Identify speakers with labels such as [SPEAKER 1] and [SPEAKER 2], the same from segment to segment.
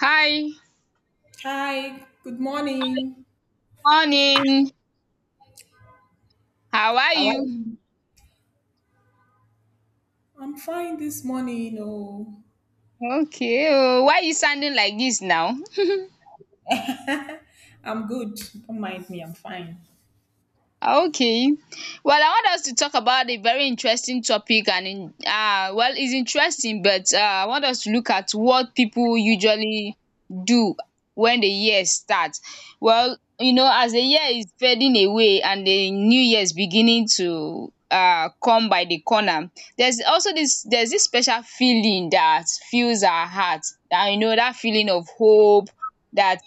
[SPEAKER 1] Hi,
[SPEAKER 2] Hi, good morning.
[SPEAKER 1] morning. How are
[SPEAKER 2] How are
[SPEAKER 1] you?
[SPEAKER 2] you? I'm fine this morning. Oh,
[SPEAKER 1] Okay oh, why you sounding like this now?
[SPEAKER 2] I'm good. Don't mind me. I'm fine.
[SPEAKER 1] Okay. Well, I want us to talk about a very interesting topic, and in well, it's interesting, but I want us to look at what people usually do when the year starts. Well, you know, as the year is fading away and the new year is beginning to come by the corner, there's this special feeling that fills our heart. And you know that feeling of hope that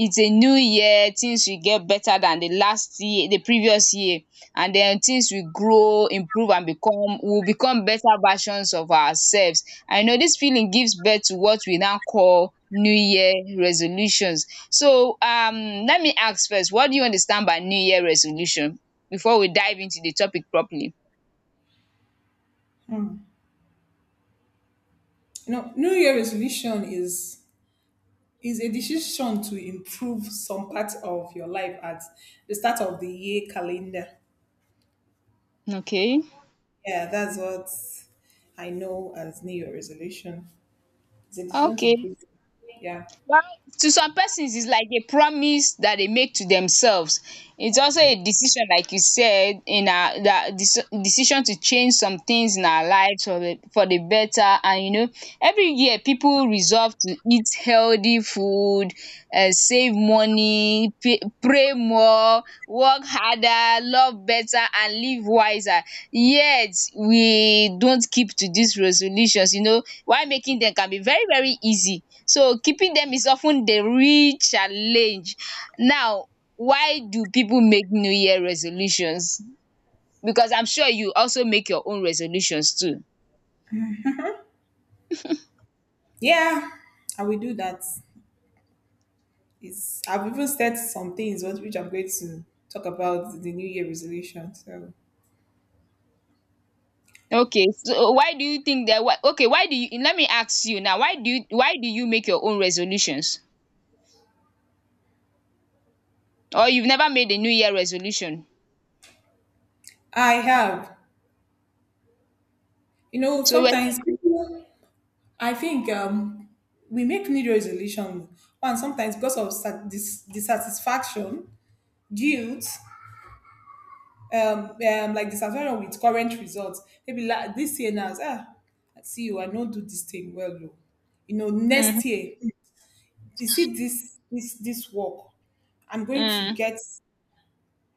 [SPEAKER 1] it's a new year, things will get better than the previous year, and then things will grow, improve, and become will become better versions of ourselves. I know this feeling gives birth to what we now call new year resolutions. So let me ask first, what do you understand by new year resolution before we dive into the topic properly?
[SPEAKER 2] You know, New Year resolution is a decision to improve some part of your life at the start of the year calendar.
[SPEAKER 1] Okay.
[SPEAKER 2] Yeah, that's what I know as New Year resolution. It's a decision to
[SPEAKER 1] Okay.
[SPEAKER 2] improve. Yeah,
[SPEAKER 1] Well, to some persons, it's like a promise that they make to themselves. It's also a decision, like you said, in our that deci- decision to change some things in our lives for the better. And you know, every year people resolve to eat healthy food, save money, pray more, work harder, love better, and live wiser. Yet we don't keep to these resolutions. You know, while making them can be very, very easy, so keeping them is often the real challenge. Now, why do people make New Year resolutions? Because I'm sure you also make your own resolutions too.
[SPEAKER 2] yeah, I will do that. It's I've even set some things which I'm going to talk about the New Year resolution. So.
[SPEAKER 1] Okay, so why do you think that? Why, okay, why do you? Let me ask you now. Why do you? Why do you make your own resolutions? Or you've never made a New Year resolution?
[SPEAKER 2] I have. You know,
[SPEAKER 1] So were you?
[SPEAKER 2] sometimes people, I think we make New Year resolution, and sometimes because of dissatisfaction, guilt, like dissatisfaction with current results. Maybe like this year now, ah, I see you, I don't do this thing well, though. You know,
[SPEAKER 1] Mm,
[SPEAKER 2] next year, you see this work, I'm going to
[SPEAKER 1] mm,
[SPEAKER 2] get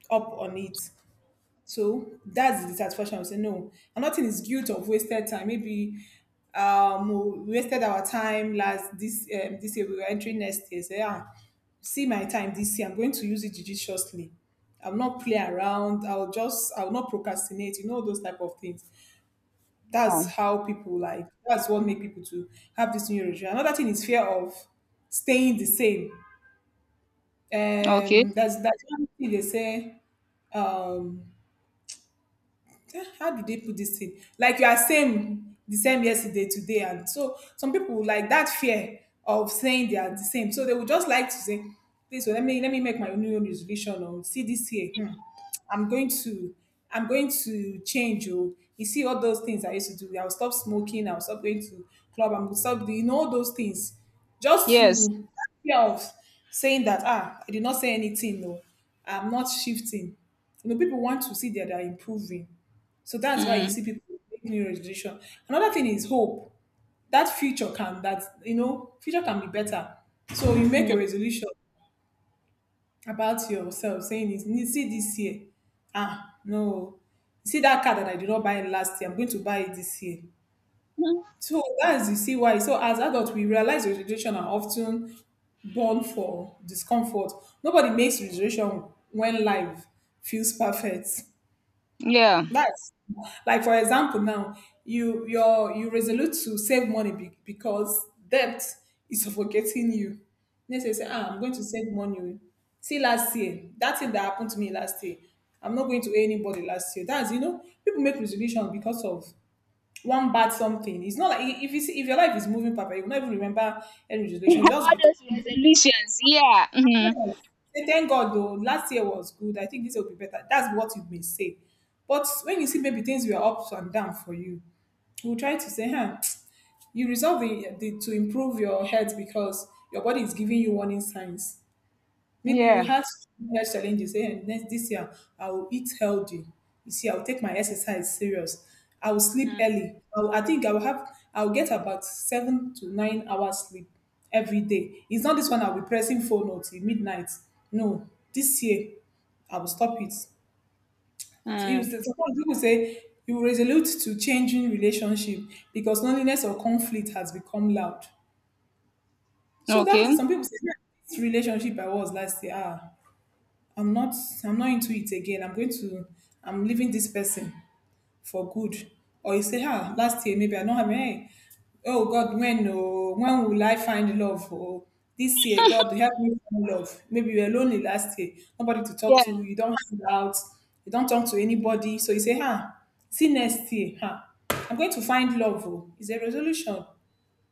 [SPEAKER 2] up on it. So that's the satisfaction. I say no, and nothing is guilt of wasted time. Maybe we wasted our time last this this year. We were entering next year. Say yeah, see my time this year. I'm going to use it judiciously. I'll not play around. I'll not procrastinate. You know those type of things. That's
[SPEAKER 1] oh,
[SPEAKER 2] how people like. That's what make people to have this new regime. Another thing is fear of staying the same.
[SPEAKER 1] okay.
[SPEAKER 2] That's one thing they say. Um, "Ah, how do they put this thing? Like you are same, the same yesterday, today, and so some people would like that fear of saying they are the same, so they would just like to say, "Please, well, let me make my new resolution or see this year. Hmm, I'm going to I'm going to change. Or you see all those things I used to do. I'll stop smoking. I'll stop going to club. I'm gonna stop doing all those things just
[SPEAKER 1] Yes.
[SPEAKER 2] to fear of saying that ah, I did not say anything. No, I'm not shifting. You know, people want to see that they're improving. So that's why you
[SPEAKER 1] Mm,
[SPEAKER 2] see people make new resolution. Another thing is hope. That future can that you know future can be better. So you make a
[SPEAKER 1] mm,
[SPEAKER 2] resolution about yourself saying is "You see this year. Ah no. You see that car that I did not buy last year, I'm going to buy it this year.
[SPEAKER 1] mm,
[SPEAKER 2] So that's you see why. So as adults we realize resolution are often born for discomfort. Nobody makes resolution when life feels perfect.
[SPEAKER 1] yeah.
[SPEAKER 2] That's like for example now you resolute to save money because debt is suffocating you. Next you say,
[SPEAKER 1] Mm.
[SPEAKER 2] ah, I'm going to save money. Oh." See last year, that thing that happened to me last year, I'm not going to owe anybody last year. That's you know, people make resolution because of one bad something. It's not like if you see, if your life is moving, Papa, you will not even remember any resolution just
[SPEAKER 1] All
[SPEAKER 2] because.
[SPEAKER 1] those resolutions. Yeah. Mhm.
[SPEAKER 2] Yes. Say thank God though. Last year was good. I think this year will be better. That's what you may say. But when you see maybe things were ups and down for you, you will try to say, huh, you resolve to improve your health because your body is giving you warning signs. Maybe you
[SPEAKER 1] Yeah.
[SPEAKER 2] have health challenge, say, "Eh, next this year I will eat healthy. You see, I will take my exercise serious. I will sleep early. I will get about 7 to 9 hours sleep every day. It's not this one I'll be pressing phone or till midnight. No, this year I will stop it. You
[SPEAKER 1] Mm.
[SPEAKER 2] sometimes people say you resolute to changing relationship because loneliness or conflict has become loud. So that is
[SPEAKER 1] Okay.
[SPEAKER 2] some people say "Yeah, this relationship I was last year. Ah, I'm not I'm not into it again. I'm going to I'm leaving this person for good. Or you say, ah, last year maybe I don't have any. Oh God, when will I find love? Oh, this year, God help me find love. Maybe you were lonely last year, nobody to
[SPEAKER 1] Yeah.
[SPEAKER 2] talk to, you don't hang out, you don't talk to anybody. So you say, ah, see next year, ah, I'm going to find love. Oh, it's a resolution.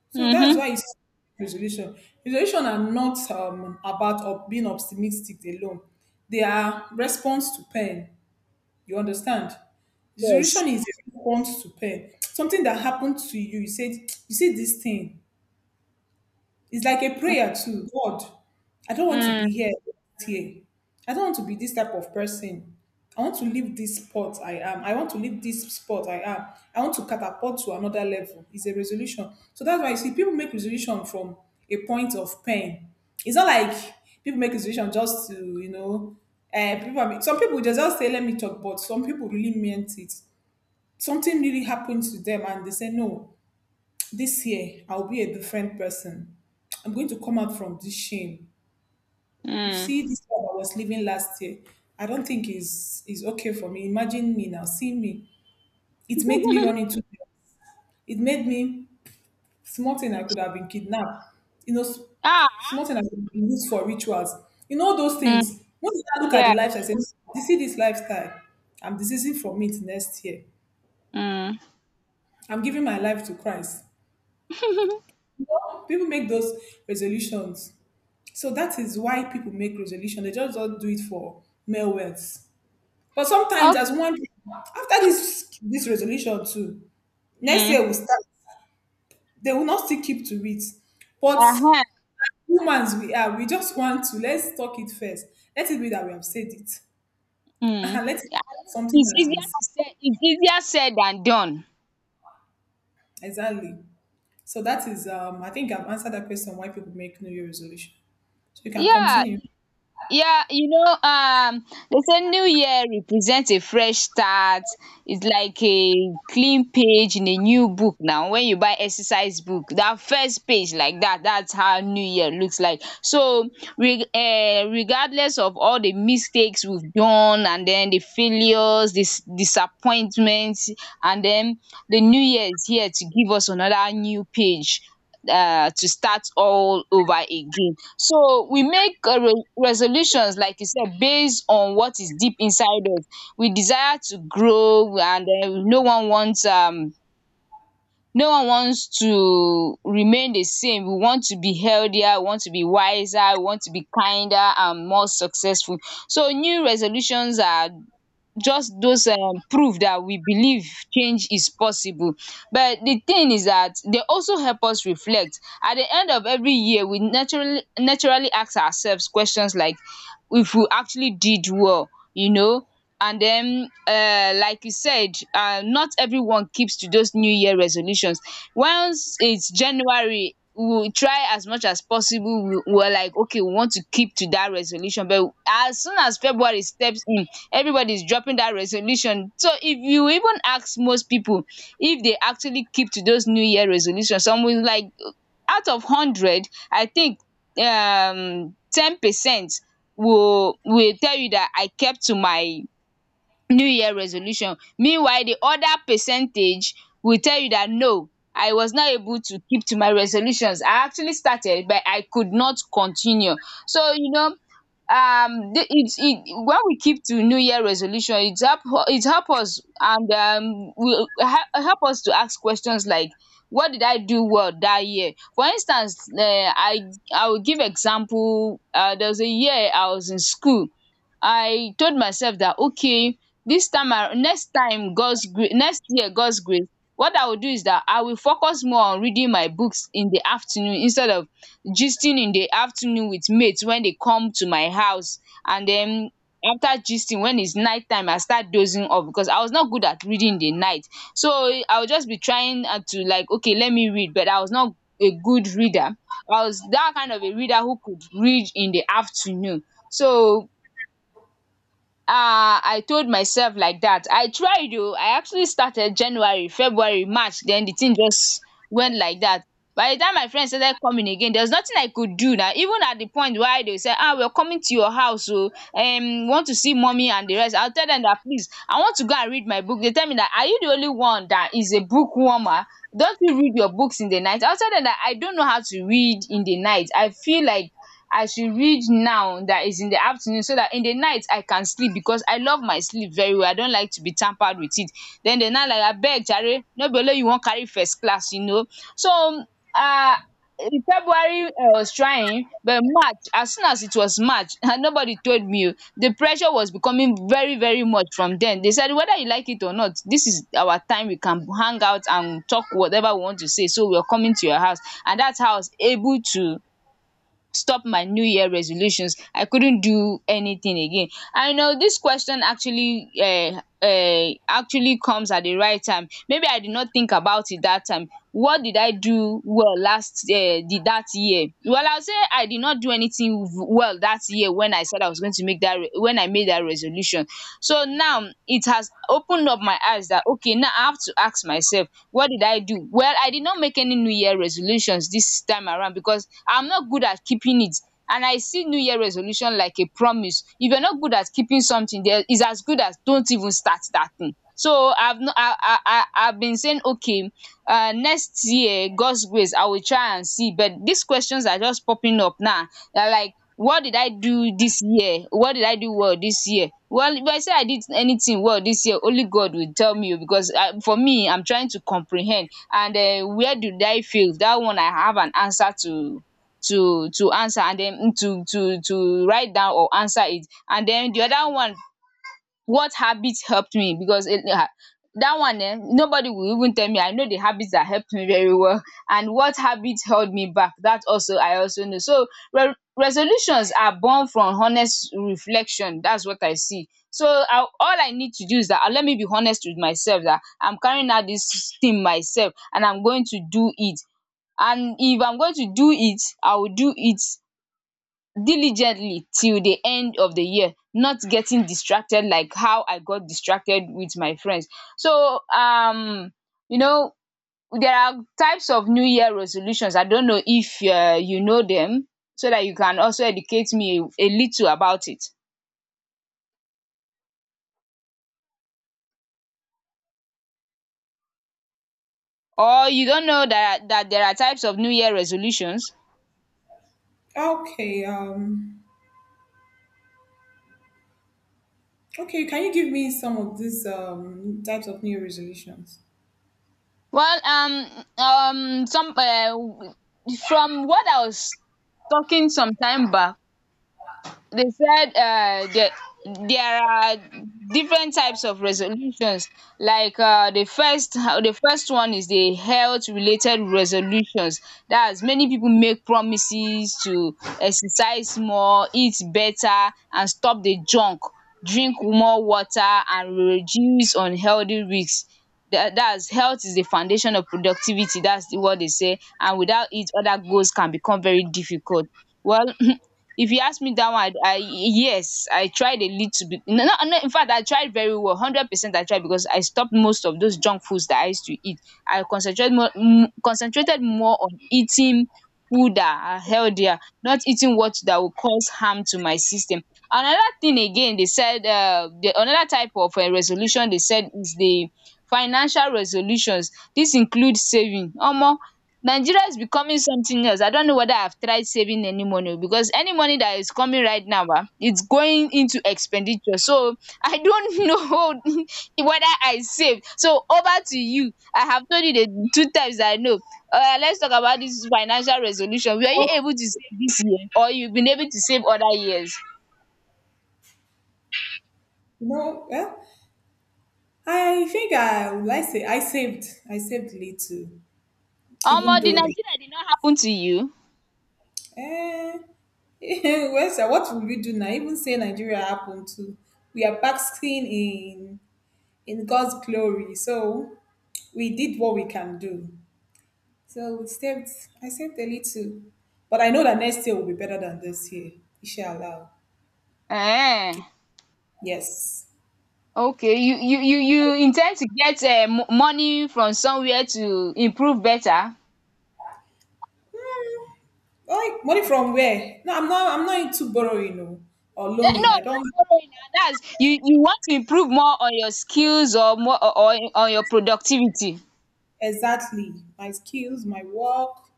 [SPEAKER 2] So that's why
[SPEAKER 1] Mm-hmm.
[SPEAKER 2] it's resolution. Resolution are not about being optimistic alone. They are response to pain. You understand? Resolution
[SPEAKER 1] Yes.
[SPEAKER 2] is a response to pain. Something that happened to you. You said you see this thing. It's like a prayer to God. I don't want to
[SPEAKER 1] Mm.
[SPEAKER 2] be here. I don't want to be this type of person. I want to leave this spot I am. I want to catapult to another level. It's a resolution. So that's why you see people make resolution from a point of pain. It's not like people make resolution just to, you know, people. Some people just say, let me talk, but some people really meant it. Something really happened to them and they say, no, this year, I'll be a different person. I'm going to come out from this shame. You
[SPEAKER 1] Mm.
[SPEAKER 2] see, this life I was living last year, I don't think is okay for me. Imagine me now, see me. It made me run into. Them. It made me small thing I could have been kidnapped. You know, s-
[SPEAKER 1] Ah.
[SPEAKER 2] small thing I could have been used for rituals. You know those
[SPEAKER 1] Mm.
[SPEAKER 2] things. When I look at the
[SPEAKER 1] Yeah.
[SPEAKER 2] life, I say, "You see this lifestyle. I'm deceasing from it next year.
[SPEAKER 1] Mm.
[SPEAKER 2] I'm giving my life to Christ." You know, people make those resolutions. So that is why people make resolution. They just don't do it for mere words. But sometimes,
[SPEAKER 1] Okay.
[SPEAKER 2] as one after this resolution too, next
[SPEAKER 1] Mm.
[SPEAKER 2] year we start. They will not still keep to it. But
[SPEAKER 1] Uh-huh.
[SPEAKER 2] humans we are, we just want to let's talk it first. Let it be that we have said it,
[SPEAKER 1] Mm.
[SPEAKER 2] and let it be
[SPEAKER 1] At
[SPEAKER 2] that
[SPEAKER 1] least
[SPEAKER 2] something
[SPEAKER 1] it's
[SPEAKER 2] has been
[SPEAKER 1] easier
[SPEAKER 2] said.
[SPEAKER 1] to say. It's easier said than done.
[SPEAKER 2] Exactly. So that is. I think I've answered that question. Why people make New Year resolution. So you can
[SPEAKER 1] Yeah.
[SPEAKER 2] continue.
[SPEAKER 1] Yeah. You know. They say New Year represents a fresh start. It's like a clean page in a new book. Now, when you buy exercise book, that first page like that, that's how new year looks like. So re regardless of all the mistakes we've done and then the failures, this disappointments, and then the new year is here to give us another new page, to start all over again. So we make resolutions, like you said, based on what is deep inside us. We desire to grow, and no one wants to remain the same. We want to be healthier, we want to be wiser, we want to be kinder and more successful. So new resolutions are just those proof that we believe change is possible. But the thing is that they also help us reflect. At the end of every year we naturally ask ourselves questions like, if we actually did well, you know. And then, like you said, not everyone keeps to those new year resolutions. Once it's January, we will try as much as possible. We are like, okay, we want to keep to that resolution, but as soon as February steps in, everybody's dropping that resolution. So if you even ask most people if they actually keep to those new year resolutions, some, like out of 100, I think 10% will tell you that I kept to my new year resolution. Meanwhile, the other percentage will tell you that no, I was not able to keep to my resolutions. I actually started but I could not continue. So you know, it when we keep to new year resolution, it help us, and help us to ask questions like, what did I do well that year? For instance, I will give example. There was a year I was in school, I told myself that okay, next time God's grace, next year God's grace, what I will do is that I will focus more on reading my books in the afternoon instead of gisting in the afternoon with mates when they come to my house. And then after gisting, when it's night time, I start dozing off because I was not good at reading in the night. So I would just be trying, to like, okay, let me read, but I was not a good reader. I was that kind of a reader who could read in the afternoon. So, I told myself like that. I tried oo, I actually started January, February, March. Then the thing just went like that. By the time my friends started coming again, there's nothing I could do now. Even at the point why they say, ah, we are coming to your house oo, want to see mommy and the rest, I will tell them that, please, I want to go and read my book. They tell me that, are you the only one that is a book warmer? Don't you read your books in the night? I will tell them that I don't know how to read in the night. I feel like I should read now, that is in the afternoon, so that in the night I can sleep, because I love my sleep very well. I don't like to be tampered with it. Then they now like, abeg jare, no be only you wan carry first class, you know. So, um February I was trying, but March, as soon as it was March, nobody told me oo. The pressure was becoming very, very much from dem. They said whether you like it or not, this is our time, we can hang out and talk whatever we want to say, so we are coming to your house. And that's how I was able to stop my new year resolutions. I couldn't do anything again. I know this question actually comes at the right time. Maybe I did not think about it that time, what did I do well that year? Well, I'll say I did not do anything well that year when I said I was going to make that when I made that resolution. So now it has opened up my eyes that okay, now I have to ask myself, what did I do? Well, I did not make any New Year resolutions this time around because I'm not good at keeping it. And I see New Year resolution like a promise. If you're not good at keeping something, there is as good as don't even start that thing. So I've not, I've been saying, okay, next year, God's grace, I will try and see. But these questions are just popping up now. They're like, what did I do this year? What did I do well this year? Well, if I say I did anything well this year, only God will tell me oh, because for me, I'm trying to comprehend. And where did I fail? That one I have an answer to, to answer, and then to write down or answer it. And then the other one, what habit helped me, because that one eh? Nobody will even tell me. I know the habits that helped me very well. And what habit held me back, that also I also know. So resolutions are born from honest reflection. That's what I see. So I, all I need to do is dat let me be honest with myself that I'm carrying out this thing myself and I'm going to do it. And if I'm going to do it, I will do it diligently till the end of the year, not getting distracted like how I got distracted with my friends. So, you know there are types of New Year resolutions. I don't know if you know them, so that you can also educate me a little about it. Or you don't know that there are types of New Year resolutions.
[SPEAKER 2] Okay. Okay, can you give me some of these types of new resolutions?
[SPEAKER 1] Well, some, from what I was talking some time back, they said that there are different types of resolutions, like the first one is the health related resolutions. That's, many people make promises to exercise more, eat better, and stop the junk, drink more water, and reduce unhealthy risks. That's, health is the foundation of productivity, that's the what they say, and without it other goals can become very difficult. Well. If you ask me, that one, I, yes, I tried a little bit. No, no, no, in fact, I tried very well, 100%. I tried because I stopped most of those junk foods that I used to eat. I concentrated more, concentrated more on eating food that are healthier, not eating what that will cause harm to my system. Another thing again, they said the, another type of resolution they said is the financial resolutions. This includes saving. Omo, Nigeria is becoming something else. I don't know whether I've tried saving any money oh, because any money that is coming right now, it's going into expenditure. So I don't know whether I save. So over to you. I have told you the two times that I know. Let's talk about this financial resolution. Were you
[SPEAKER 2] Well,
[SPEAKER 1] able to save this year, or you've been able to save other years?
[SPEAKER 2] no, yeah, I think I would like say I saved little,
[SPEAKER 1] Omo,
[SPEAKER 2] even
[SPEAKER 1] the
[SPEAKER 2] though that.
[SPEAKER 1] Nigeria did not happen to you?
[SPEAKER 2] Eh, well, sir, what will we do now? Even say Nigeria happened too, we are basking in God's glory. So we did what we can do. So we saved, I saved a little, but I know that next year will be better than this year. Inshallah.
[SPEAKER 1] um
[SPEAKER 2] Yes.
[SPEAKER 1] Okay, you intend to get money from somewhere to improve better?
[SPEAKER 2] Hmm. Like money from where? I'm not into borrowing no, or
[SPEAKER 1] Eh, no,
[SPEAKER 2] loaning. I
[SPEAKER 1] not
[SPEAKER 2] don't
[SPEAKER 1] borrowing na, that's, you want to improve more on your skills, or more, or on your productivity.
[SPEAKER 2] exactly my skills, my work,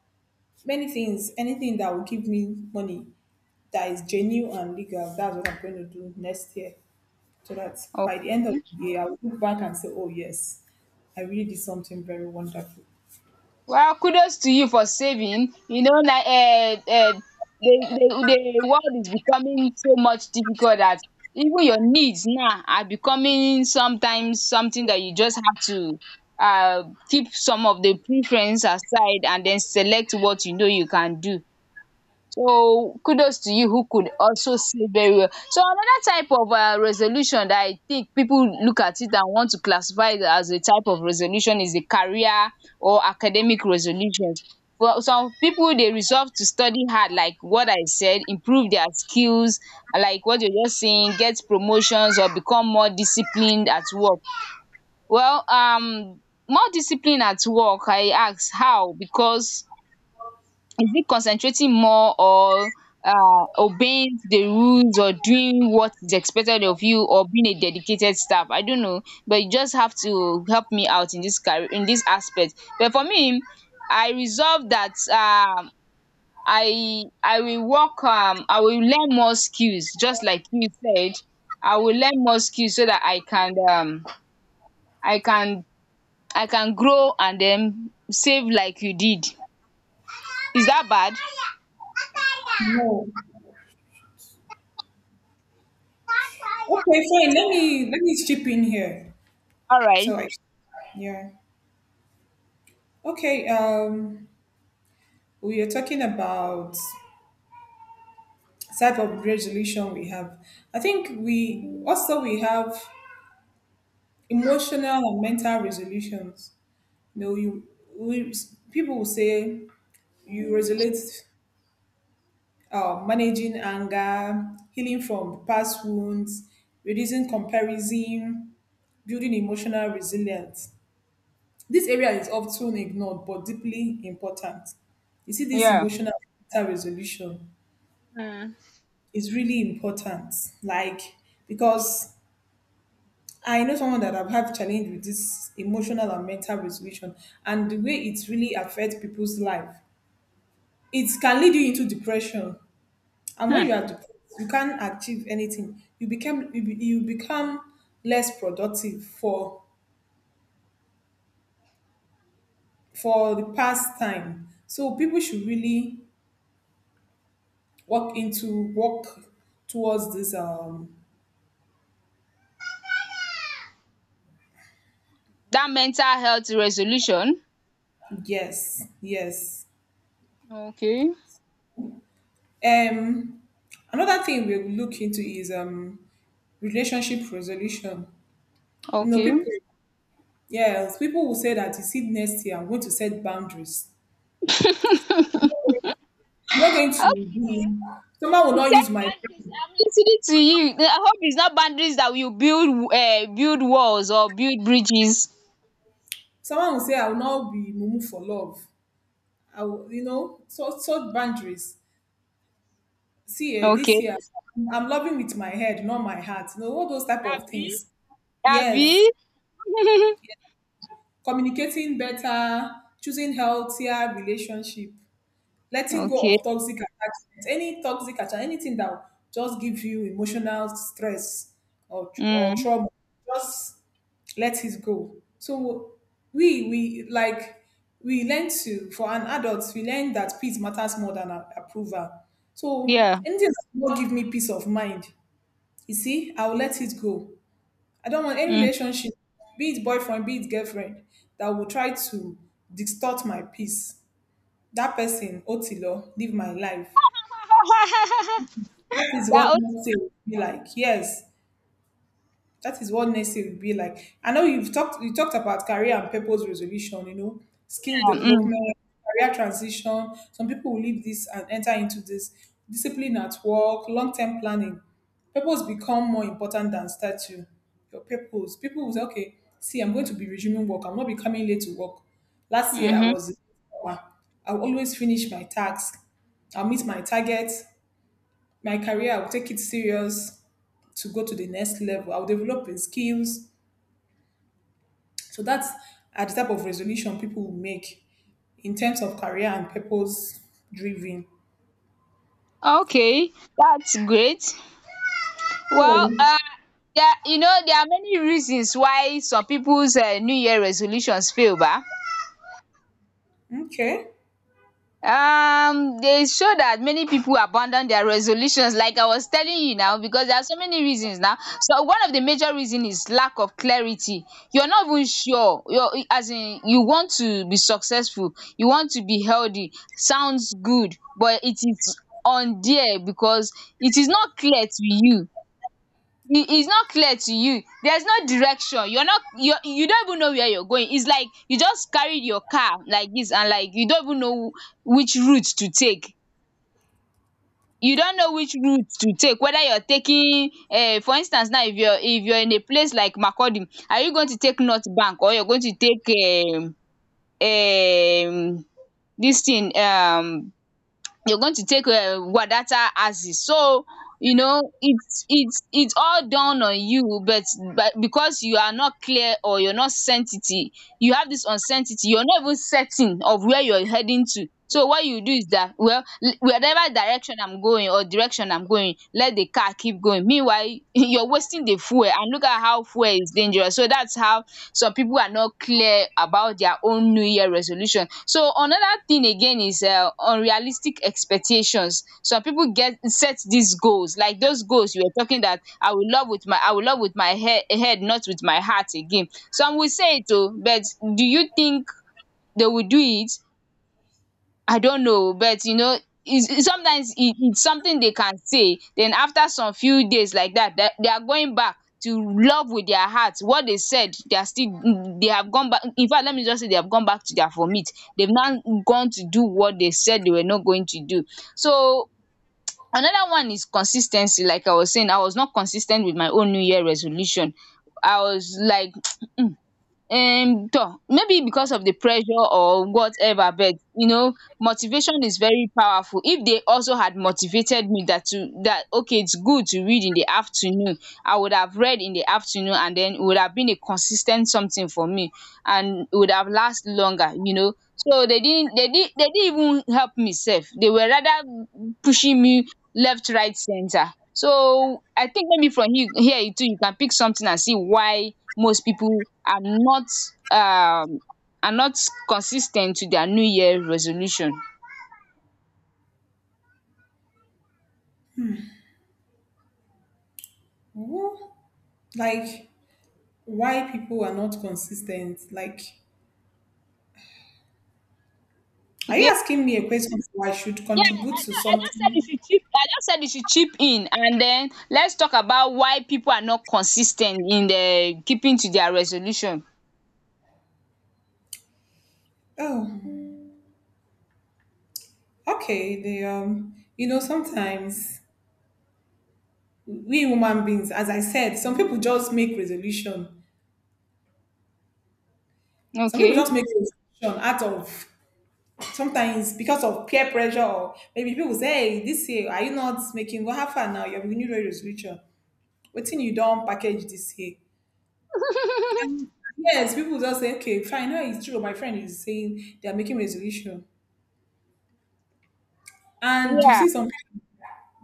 [SPEAKER 2] many things, anything that will give me money that is genuine and legal. That's what I'm going to do next year, so that by the end of
[SPEAKER 1] Okay.
[SPEAKER 2] the year, I'll look back and say, "Oh yes, I really did something very wonderful."
[SPEAKER 1] Well, kudos to you for saving. You know na, the world is becoming so much difficult that even your needs now are becoming sometimes something that you just have to keep some of the preference aside and then select what you know you can do. So kudos to you who could also see very well. So another type of resolution that I think people look at it and want to classify it as a type of resolution is the career or academic resolutions. For some people, they resolve to study hard, like what I said, improve their skills, like what you're just saying, get promotions or become more disciplined at work. Well, more discipline at work, I ask how? Because is it concentrating more, or obeying the rules, or doing what is expected of you, or being a dedicated staff? I don't know, but you just have to help me out in this career, in this aspect. But for me, I resolve that I will work. I will learn more skills, just like you said. I will learn more skills so that I can, i can I can grow and then save like you did. Is that bad?
[SPEAKER 2] No. Okay, fine. Let me chip in here.
[SPEAKER 1] All right.
[SPEAKER 2] So, I, yeah. Okay. We are talking about type of resolution we have. I think we also we have emotional and mental resolutions. You know, you we, people will say you resolute managing anger, healing from past wounds, reducing comparison, building emotional resilience. This area is often ignored but deeply important. You see, this
[SPEAKER 1] Yeah.
[SPEAKER 2] emotional mental resolution
[SPEAKER 1] Hmm.
[SPEAKER 2] is really important, like because I know someone that have had challenge with this emotional and mental resolution and the way it really affects people's life. It can lead you into depression, and when
[SPEAKER 1] Hmm.
[SPEAKER 2] you are depressed, you can't achieve anything. You become less productive for the past time. So people should really walk into work towards this.
[SPEAKER 1] That mental health resolution.
[SPEAKER 2] Yes, yes.
[SPEAKER 1] Okay.
[SPEAKER 2] Um, another thing we will look into is relationship resolution. You know,
[SPEAKER 1] Okay.
[SPEAKER 2] people, yes, people will say that you see next year, I'm going to set boundaries. I'm not going
[SPEAKER 1] Oh,
[SPEAKER 2] to be, someone will
[SPEAKER 1] you
[SPEAKER 2] not
[SPEAKER 1] set
[SPEAKER 2] use my
[SPEAKER 1] boundaries.
[SPEAKER 2] brain.
[SPEAKER 1] I'm listening to you. I hope it's not boundaries that will build walls or build bridges.
[SPEAKER 2] Someone will say, I will not be mumu for love. I will, you know, so boundaries. See, eh, this
[SPEAKER 1] Okay.
[SPEAKER 2] year, I'm loving with my head, not my heart. You know, all those type of
[SPEAKER 1] Abby.
[SPEAKER 2] things. Yes,
[SPEAKER 1] Abby.
[SPEAKER 2] communicating better, choosing healthier relationship. Letting go
[SPEAKER 1] Okay.
[SPEAKER 2] of toxic attachment, any toxic attachment, anything that will just give you emotional stress or
[SPEAKER 1] Mm.
[SPEAKER 2] trauma, just let it go. So we like we learn to for an adult we learn that peace matters more than approval. So
[SPEAKER 1] Yeah.
[SPEAKER 2] anything that will not give me peace of mind, you see, I will let it go. I don't want any
[SPEAKER 1] Mm.
[SPEAKER 2] relationship, be it boyfriend, be it girlfriend, that will try to distort my peace. That person otilo live my life. That is
[SPEAKER 1] That
[SPEAKER 2] what
[SPEAKER 1] was,
[SPEAKER 2] make sales be like, yes, that is what next year will be like. I know you talked about career and purpose resolution, skill
[SPEAKER 1] mm. Hmm.
[SPEAKER 2] development, career transition. Some people will leave this and enter into this discipline at work, long-term planning. Purpose become more important than statue. Your purpose. People will say, okay, see, I'm going to be resuming work. I'm not be coming late to work. Last year
[SPEAKER 1] Mm-hmm.
[SPEAKER 2] I'll always finish my tasks. I'll meet my target. My career, I'll take it serious to go to the next level. I'll develop in skills. So that's are the type of resolution people will make in terms of career and purpose driven.
[SPEAKER 1] Okay. That's great. Well,
[SPEAKER 2] So
[SPEAKER 1] yeah, you know there are many reasons why some people's New Year resolutions fail ba.
[SPEAKER 2] okay.
[SPEAKER 1] They show that many people abandon their resolutions, like I was telling you now, because there are so many reasons now. So one of the major reason is lack of clarity. You're not even sure, you're, as in, you want to be successful, you want to be healthy, sounds good, but it is on there because it is not clear to you. It is not clear to you. There's no direction. You're not, you're, you don't even know where you're going. It's like you just carry your car like this, and like you don't even know which route to take. You don't know which route to take, whether you're taking, for instance now, if you're, if you're in a place like Makurdi, are you going to take North Bank, or you're going to take, um this thing, you're going to take, Wadata as is. So, you know, it's all down on you, but, because you are not clear, or you're not certainty, you have this uncertainty, you're not even certain of where you're heading to. So what you do is that, well, whatever direction I'm going or direction I'm going, let the car keep going. Meanwhile, you're wasting the fuel, and look at how fuel is dangerous. So that's how some people are not clear about their own New Year resolution. So another thing again is unrealistic expectations. Some people get set these goals, like those goals you were talking that I will love with my head, not with my heart again. Some will say it oh, but do you think they will do it? I don't know, but you know, is sometimes it's something they can say. Then after some few days like that, that they are going back to love with their hearts. What they said, they are still, they have gone back. In fact, let me just say they have gone back to their vomit. They've now gone to do what they said they were not going to do. So another one is consistency. Like I was saying, I was not consistent with my own New Year resolution. I was like toh, maybe because of the pressure or whatever, but you know motivation is very powerful. If they also had motivated me, that, to that, okay, it's good to read in the afternoon, I would have read in the afternoon, and then it would have been a consistent something for me, and it would have last longer, you know. So they didn't even help me sef. They were rather pushing me, left, right, center. So I think maybe from he here, you too, you can pick something and see why most people are not, um are not consistent to their New Year resolution.
[SPEAKER 2] Well, like, why people are not consistent. Like, are you
[SPEAKER 1] Yeah,
[SPEAKER 2] asking me a question so I should
[SPEAKER 1] yeah,
[SPEAKER 2] contribute
[SPEAKER 1] I
[SPEAKER 2] to
[SPEAKER 1] know,
[SPEAKER 2] something?
[SPEAKER 1] I just said you should chip in, and then let's talk about why people are not consistent in the keeping to their resolution.
[SPEAKER 2] Oh, okay. They sometimes, we human beings, as I said, some people just make resolution. Some people
[SPEAKER 1] Okay.
[SPEAKER 2] just make resolution out of sometimes because of peer pressure, or maybe people say, hey, this year, are you not making go have fun now? Your New Year resolution. What thing you don't package this year? And yes, people just say, okay, fine. No, it's true. My friend is saying they are making resolution. And you
[SPEAKER 1] Yeah,
[SPEAKER 2] see some people,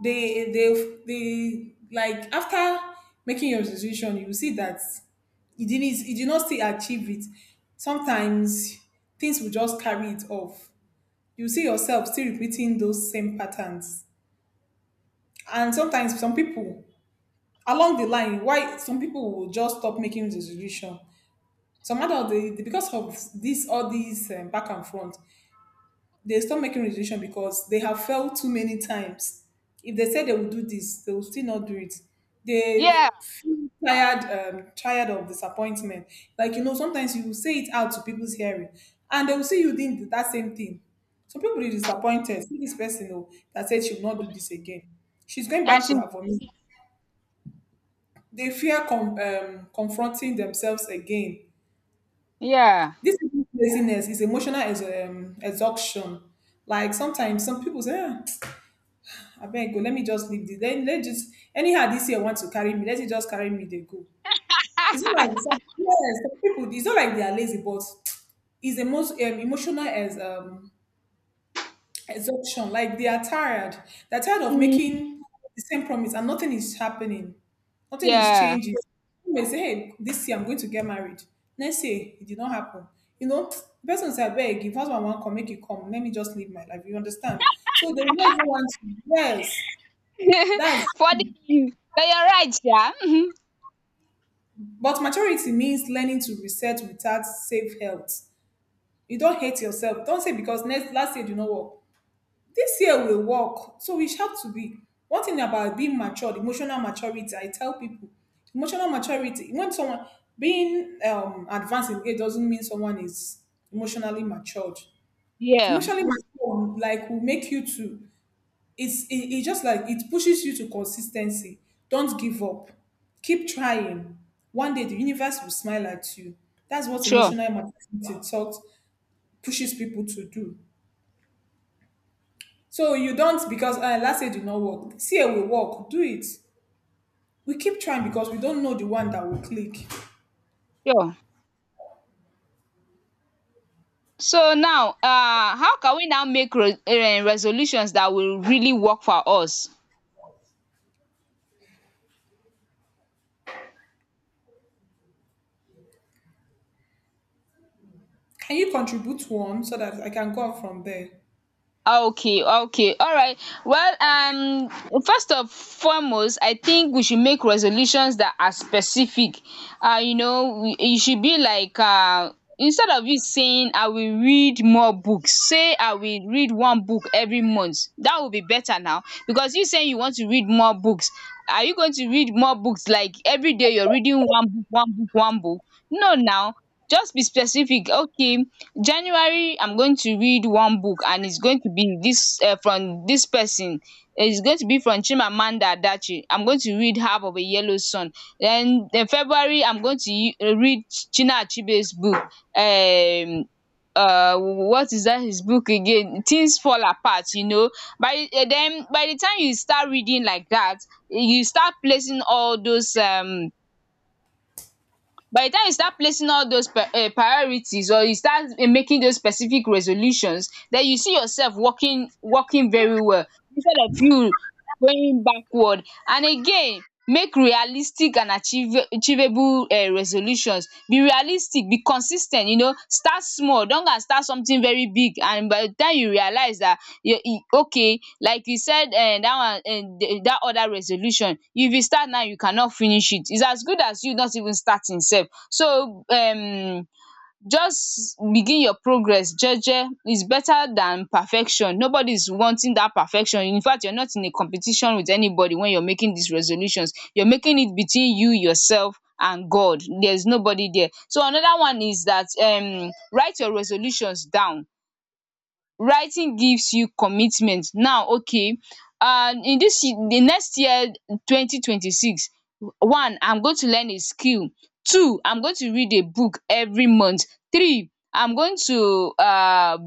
[SPEAKER 2] they, like, after making your resolution, you will see that you did not still achieve it. Sometimes things will just carry it off. You see yourself still repeating those same patterns. And sometimes some people along the line, why some people will just stop making resolution. Some other, because of this all these back and front, they stop making resolution because they have failed too many times. If they say they will do this, they will still not do it. They
[SPEAKER 1] yeah,
[SPEAKER 2] feel tired of disappointment. Like, sometimes you will say it out to people's hearing, and they will see you doing that same thing. Some people will be disappointed. See this person, oh, that said she will not do this again. She's going
[SPEAKER 1] I
[SPEAKER 2] back to
[SPEAKER 1] should,
[SPEAKER 2] her vomit. They fear confronting themselves again.
[SPEAKER 1] yeah.
[SPEAKER 2] This isn't laziness, is emotional exhaustion. Like sometimes some people say, ah, I beg, go, let me just leave this. Then let just anyhow this year want to carry me. Let it just carry me. They go. It's not like yes, some people. It's not like they are lazy, but it's the most emotional as exhaustion, like they are tired. They're tired of
[SPEAKER 1] um
[SPEAKER 2] making the same promise and nothing is happening. Nothing is
[SPEAKER 1] yeah.
[SPEAKER 2] changing. You may say, hey, this year I'm going to get married. Next year, it did not happen. The person said, beg, if husband won't come, make it come. Let me just live my life. You understand? So they will not even want to. Yes, that's.
[SPEAKER 1] for the But you're right. Yeah.
[SPEAKER 2] But maturity means learning to reset without safe health. You don't hate yourself. Don't say because next last year you know what. This year we work, so we have to be one thing about being matured. Emotional maturity, I tell people, emotional maturity, when someone being advanced in age doesn't mean someone is emotionally matured.
[SPEAKER 1] Yeah,
[SPEAKER 2] Emotionally mature, like, will make you to, it just like it pushes you to consistency. Don't give up, keep trying. One day the universe will smile at you. That's what
[SPEAKER 1] sure,
[SPEAKER 2] emotional maturity taught, pushes people to do. So you don't because last year did not work. See, it will work. Do it. We keep trying because we don't know the one that will click.
[SPEAKER 1] sure. So now, how can we now make resolutions that will really work for us?
[SPEAKER 2] Can you contribute one so that I can go on from there?
[SPEAKER 1] Okay, okay, all right. Well, first of foremost, I think we should make resolutions that are specific. It should be like, instead of you saying I will read more books, say I will read one book every month. That would be better now, because you saying you want to read more books. Are you going to read more books like every day you're reading one book, one book, one book? No, now. Just be specific. Okay, January I'm going to read one book, and it's going to be this, from this person. It's going to be from Chimamanda Adachi. I'm going to read Half of a Yellow Sun. Then in February I'm going to read Chinua Achebe's book, um what is that, his book again, Things Fall Apart, you know. By then, by the time you start reading like that, you start placing all those, by the time you start placing all those priorities, or you start making those specific resolutions, then you see yourself working very well, instead of you going backward and again. Make realistic and achieve achievable resolutions. Be realistic, be consis ten t, you know. Start small, don't go and start something very big, and by the time you realize that, you e okay, like you said, that one, that other resolution, if you start now you cannot finish it. It is as good as you not even starting sef. So, just begin. Your progress jeje is better than perfection. Nobody is wanting that perfection. In fact, you're not in a competition with anybody when you're making these resolutions. You're making it between you yourself and God. There's nobody there. So another one is that, write your resolutions down. Writing gives you commitment now. Okay, the next year, 2026, one, I'm going to learn a skill, two, I'm going to read a book every month, three, I'm going to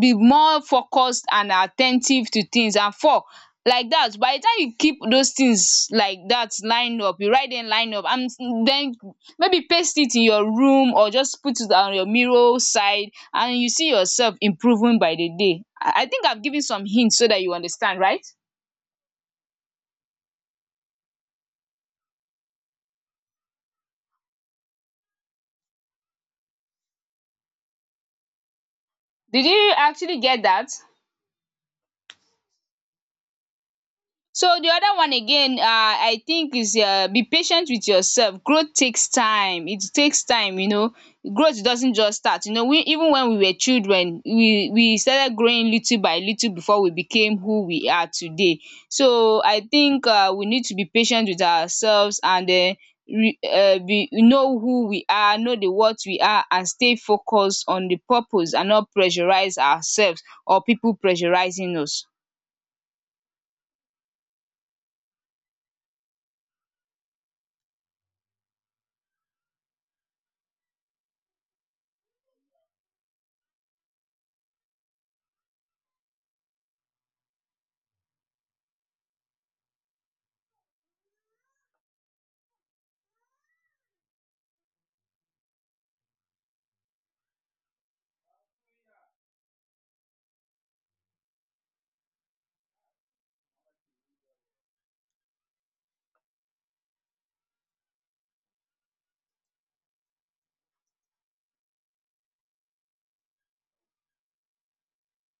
[SPEAKER 1] be more focused and attentive to things, and four, like that. By the time you keep those things like that lined up, you write them lined up, and then maybe paste it in your room, or just put it on your mirror side, and you see yourself improving by the day. I think I've given some hints so that you understand, right? Did you actually get that? So the other one again, I think is, be patient with yourself. Growth takes time. It takes time, you know. Growth doesn't just start. You know, we, even when we were children, we started growing little by little before we became who we are today. So I think we need to be patient with ourselves, and re be know who we are, know the what we are, and stay focused on the purpose and not pressurize ourselves or people pressurizing us.